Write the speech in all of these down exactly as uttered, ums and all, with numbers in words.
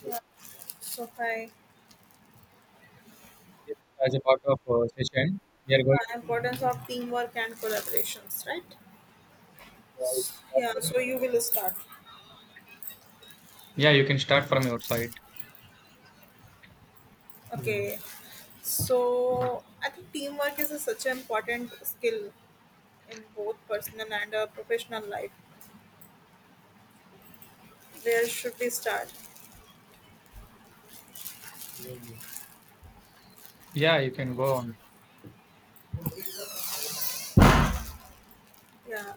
Yes, Yeah, so hi. yes, as a part of uh, session, we are going to. Uh, importance of teamwork and collaborations, right? Yeah, you can Yeah, so you will start. yeah, you can start from your side. Okay, so I think teamwork is a, such an important skill in both personal and uh, professional life. Where should we start? Yeah, you can go on. Yeah,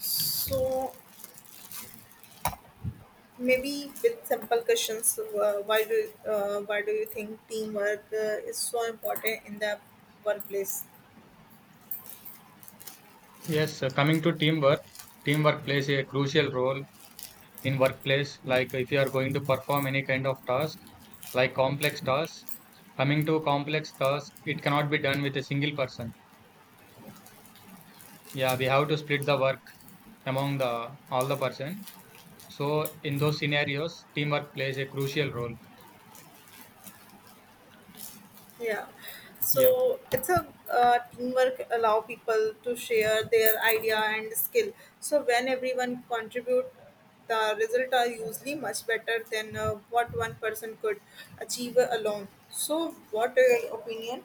so maybe with simple questions, uh, why do uh, why do you think teamwork uh, is so important in the workplace? Yes, uh, coming to teamwork, teamwork plays a crucial role in workplace. Like if you are going to perform any kind of task, like complex tasks, coming to complex tasks, it cannot be done with a single person. Yeah, we have to split the work among the all the person. So in those scenarios, teamwork plays a crucial role. Yeah. Yeah. So it's a uh, teamwork allow people to share their idea and skill. So when everyone contribute, the result are usually much better than uh, what one person could achieve alone. So what are your opinion?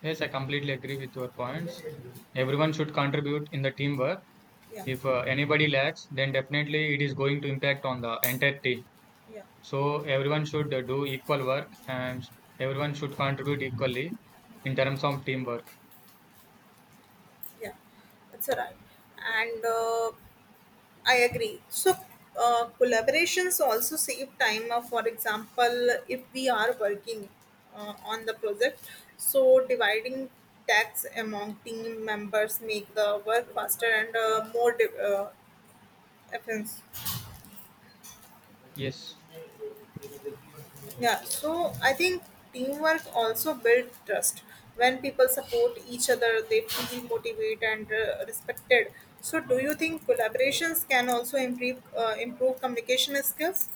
Yes, I completely agree with your points. Everyone should contribute in the teamwork. Yeah, If uh, anybody lacks, then definitely it is going to impact on the entire team. yeah, So everyone should uh, do equal work and everyone should contribute equally in terms of teamwork. yeah. That's all right. And uh, I agree. So, uh, collaborations also save time. Uh, for example, if we are working uh, on the project, so dividing tasks among team members make the work faster and uh, more di- uh, efficient. Yes. Yeah. So I think teamwork also builds trust. When people support each other, they feel motivated and uh, respected. So, do you think collaborations can also improve uh, improve communication skills?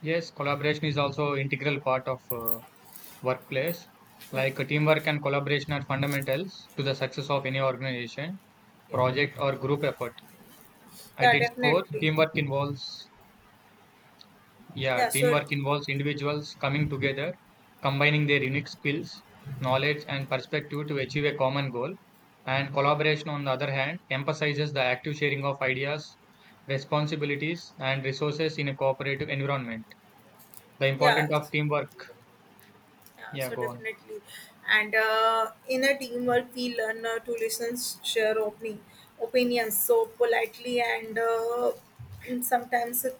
Yes, collaboration is also integral part of uh, workplace. Yeah. Like uh, teamwork and collaboration are fundamentals to the success of any organization, Yeah. project or group effort. At Yeah, its core, definitely. teamwork involves Yeah, Yeah, so teamwork involves individuals coming together, combining their unique skills, knowledge, and perspective to achieve a common goal. And collaboration, on the other hand, emphasizes the active sharing of ideas, responsibilities, and resources in a cooperative environment. The yeah, importance of s- teamwork. yeah, Yeah, so go on. definitely. And uh, in a teamwork, we learn uh, to listen, share opening opinions so politely, and uh, sometimes uh,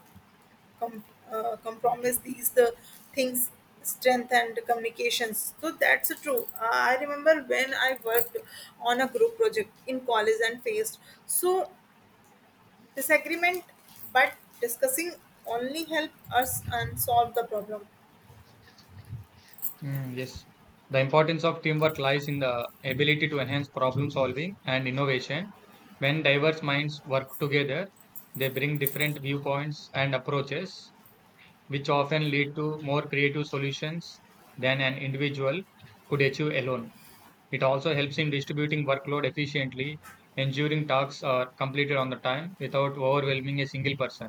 com- uh, compromise these the things strength and communications. So that's true. uh, I remember when I worked on a group project in college and faced so disagreement, but discussing only help us and solve the problem. Mm, yes. The Yeah. importance of teamwork lies in the ability to enhance problem solving and innovation. When diverse minds work together, they bring different viewpoints and approaches which often lead to more creative solutions than an individual could achieve alone. It also helps in distributing workload efficiently, ensuring tasks are completed on the time without overwhelming a single person.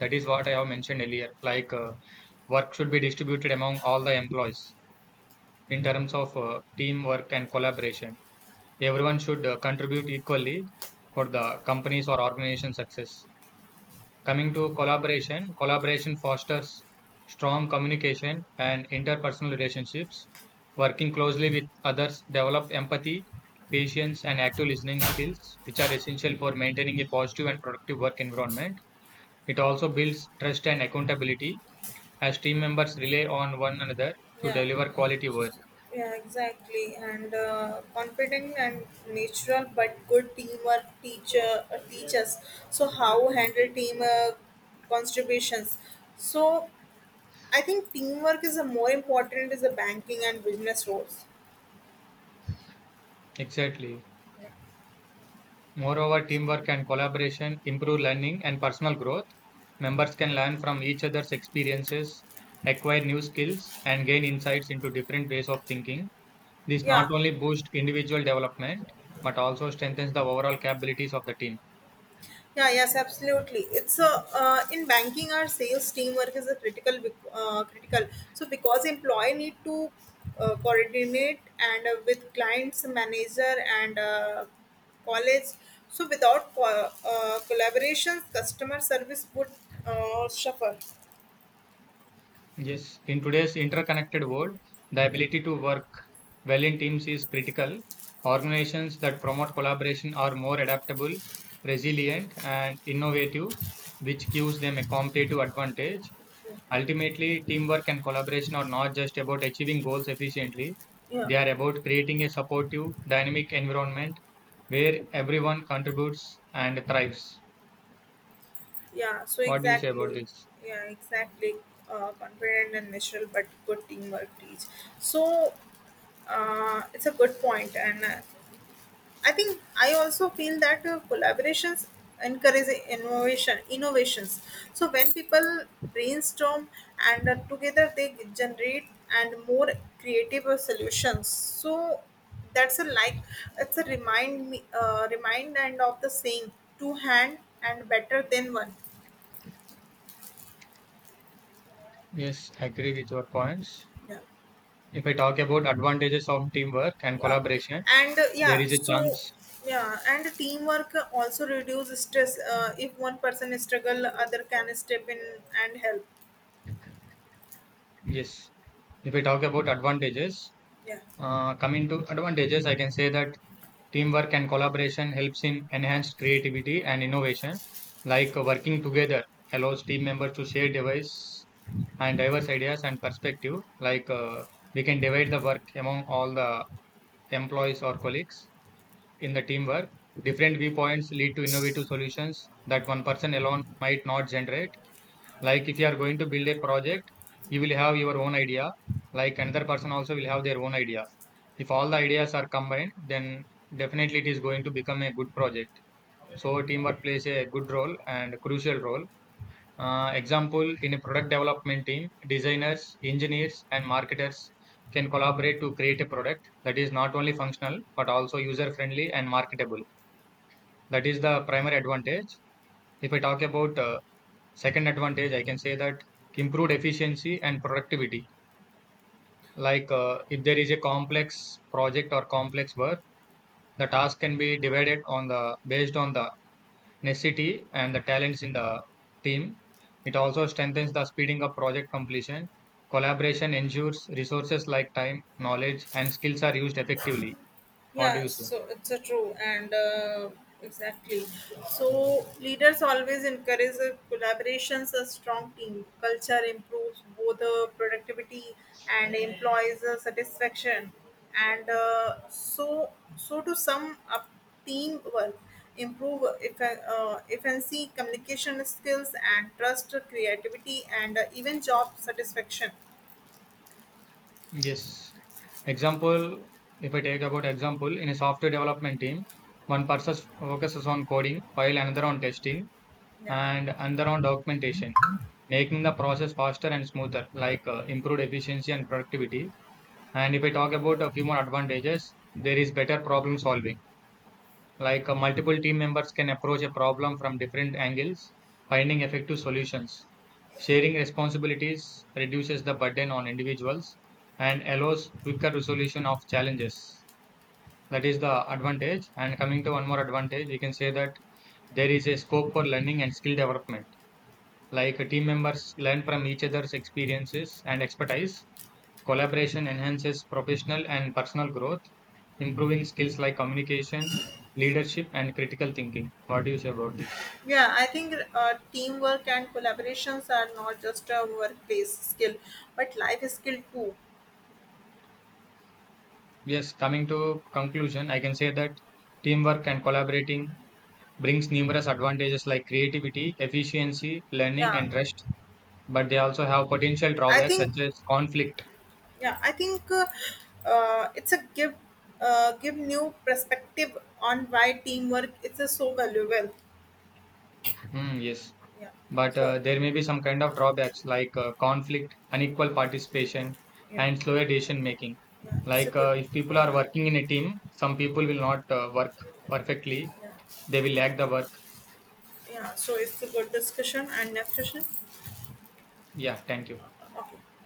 That is what I have mentioned earlier. Like uh, work should be distributed among all the employees in terms of uh, teamwork and collaboration. Everyone should uh, contribute equally for the company's or organization's success. Coming to collaboration, collaboration fosters strong communication and interpersonal relationships. Working closely with others develop empathy, patience, and active listening skills, which are essential for maintaining a positive and productive work environment. It also builds trust and accountability as team members rely on one another to Yeah, deliver quality work. yeah, exactly. And uh, confident and natural, but good teamwork teacher uh, teaches. So how handle team uh, contributions? So I think teamwork is a more important is the banking and business roles. Exactly. Yeah. Moreover, So- teamwork and collaboration improve learning and personal growth. Members can learn from each other's experiences, acquire new skills, and gain insights into different ways of thinking. This Yeah, not only boosts individual development, but also strengthens the overall capabilities of the team. yeah, yes, absolutely. It's a uh, in banking, our sales teamwork is a critical bec- uh, critical. So because employee need to uh, coordinate and uh, with clients, manager, and uh, college. So without co- uh, collaborations, customer service would uh, suffer. Yes, in today's interconnected world, the Yeah, ability to work well in teams is critical. Organizations that promote collaboration are more adaptable, resilient, and innovative, which gives them a competitive advantage. Ultimately, teamwork and collaboration are not just about achieving goals efficiently, yeah, they are about creating a supportive, dynamic environment where everyone contributes and thrives. yeah. So What do you say about exactly, this? yeah, exactly. Uh, confident and natural, but good teamwork teach. So uh, it's a good point and. Uh, I think I also feel that uh, collaborations encourage innovation innovations. So when people brainstorm and uh, together they generate and more creative uh, solutions. So that's a like it's a remind me uh, remind and of the saying two hand and better than one. Yes, I agree with your points. Yeah, If I talk about advantages of teamwork and yeah, collaboration, and uh, there yeah. is a So chance. yeah, and teamwork also reduce stress. Uh, if one person struggle, other can step in and help. Yes. If I talk about advantages, Yeah, uh, coming to advantages, I can say that teamwork and collaboration helps in enhanced creativity and innovation. Like uh, working together allows team members to share device and diverse ideas and perspective. Like uh, we can divide the work among all the employees or colleagues in the teamwork. Different viewpoints lead to innovative solutions that one person alone might not generate. Like if you are going to build a project, you will have your own idea, like another person also will have their own idea. If all the ideas are combined, then definitely it is going to become a good project. So teamwork plays a good role and crucial role. Uh, example, in a product development team, designers, engineers and marketers can collaborate to create a product that is not only functional but also user friendly and marketable. That is the primary advantage. If I talk about uh, second advantage, I can say that improved efficiency and productivity. Like uh, if there is a complex project or complex work, the task can be divided on the based on the necessity and the talents in the team. It also strengthens the speeding up project completion. Collaboration ensures resources like time, knowledge, and skills are used effectively. What do yeah, you say? so it's a true and uh, exactly. So leaders always encourage the collaborations, a strong team culture improves both the productivity and employees uh, satisfaction, and uh, so so to sum up teamwork improve effe- uh, efficiency, communication skills and trust, creativity and uh, even job satisfaction. Yes. Example, if I take about example, in a software development team, one person focuses on coding, while another on testing, Yeah. and another on documentation, making the process faster and smoother, like uh, improved efficiency and productivity. And if I talk about a few more advantages, there is better problem solving. Like uh, multiple team members can approach a problem from different angles, finding effective solutions. Sharing responsibilities reduces the burden on individuals and allows quicker resolution of challenges. That is the advantage. And coming to one more advantage, we can say that there is a scope for learning and skill development. Like uh, team members learn from each other's experiences and expertise. Collaboration enhances professional and personal growth improving skills like communication, leadership, and critical thinking. What do you say about this? Yeah, I think uh, teamwork and collaborations are not just a workplace skill, but life skill too. Yes, coming to conclusion, I can say that teamwork and collaborating brings numerous advantages like creativity, efficiency, learning, Yeah, and rest. But they also have potential I drawbacks think. such as conflict. Yeah, I think uh, uh, it's a give uh, give new perspective on why teamwork it is a so valuable. Hmm, yes, Yeah. but So uh, there may be some kind of drawbacks like uh, conflict, unequal participation, yeah, and slower decision making. yeah, it's a Like good. uh, if people are Uh, working in a team, some people will not uh, work perfectly. yeah, They will lack the work. yeah. So it's a good discussion and next session. Yeah, thank you. Okay.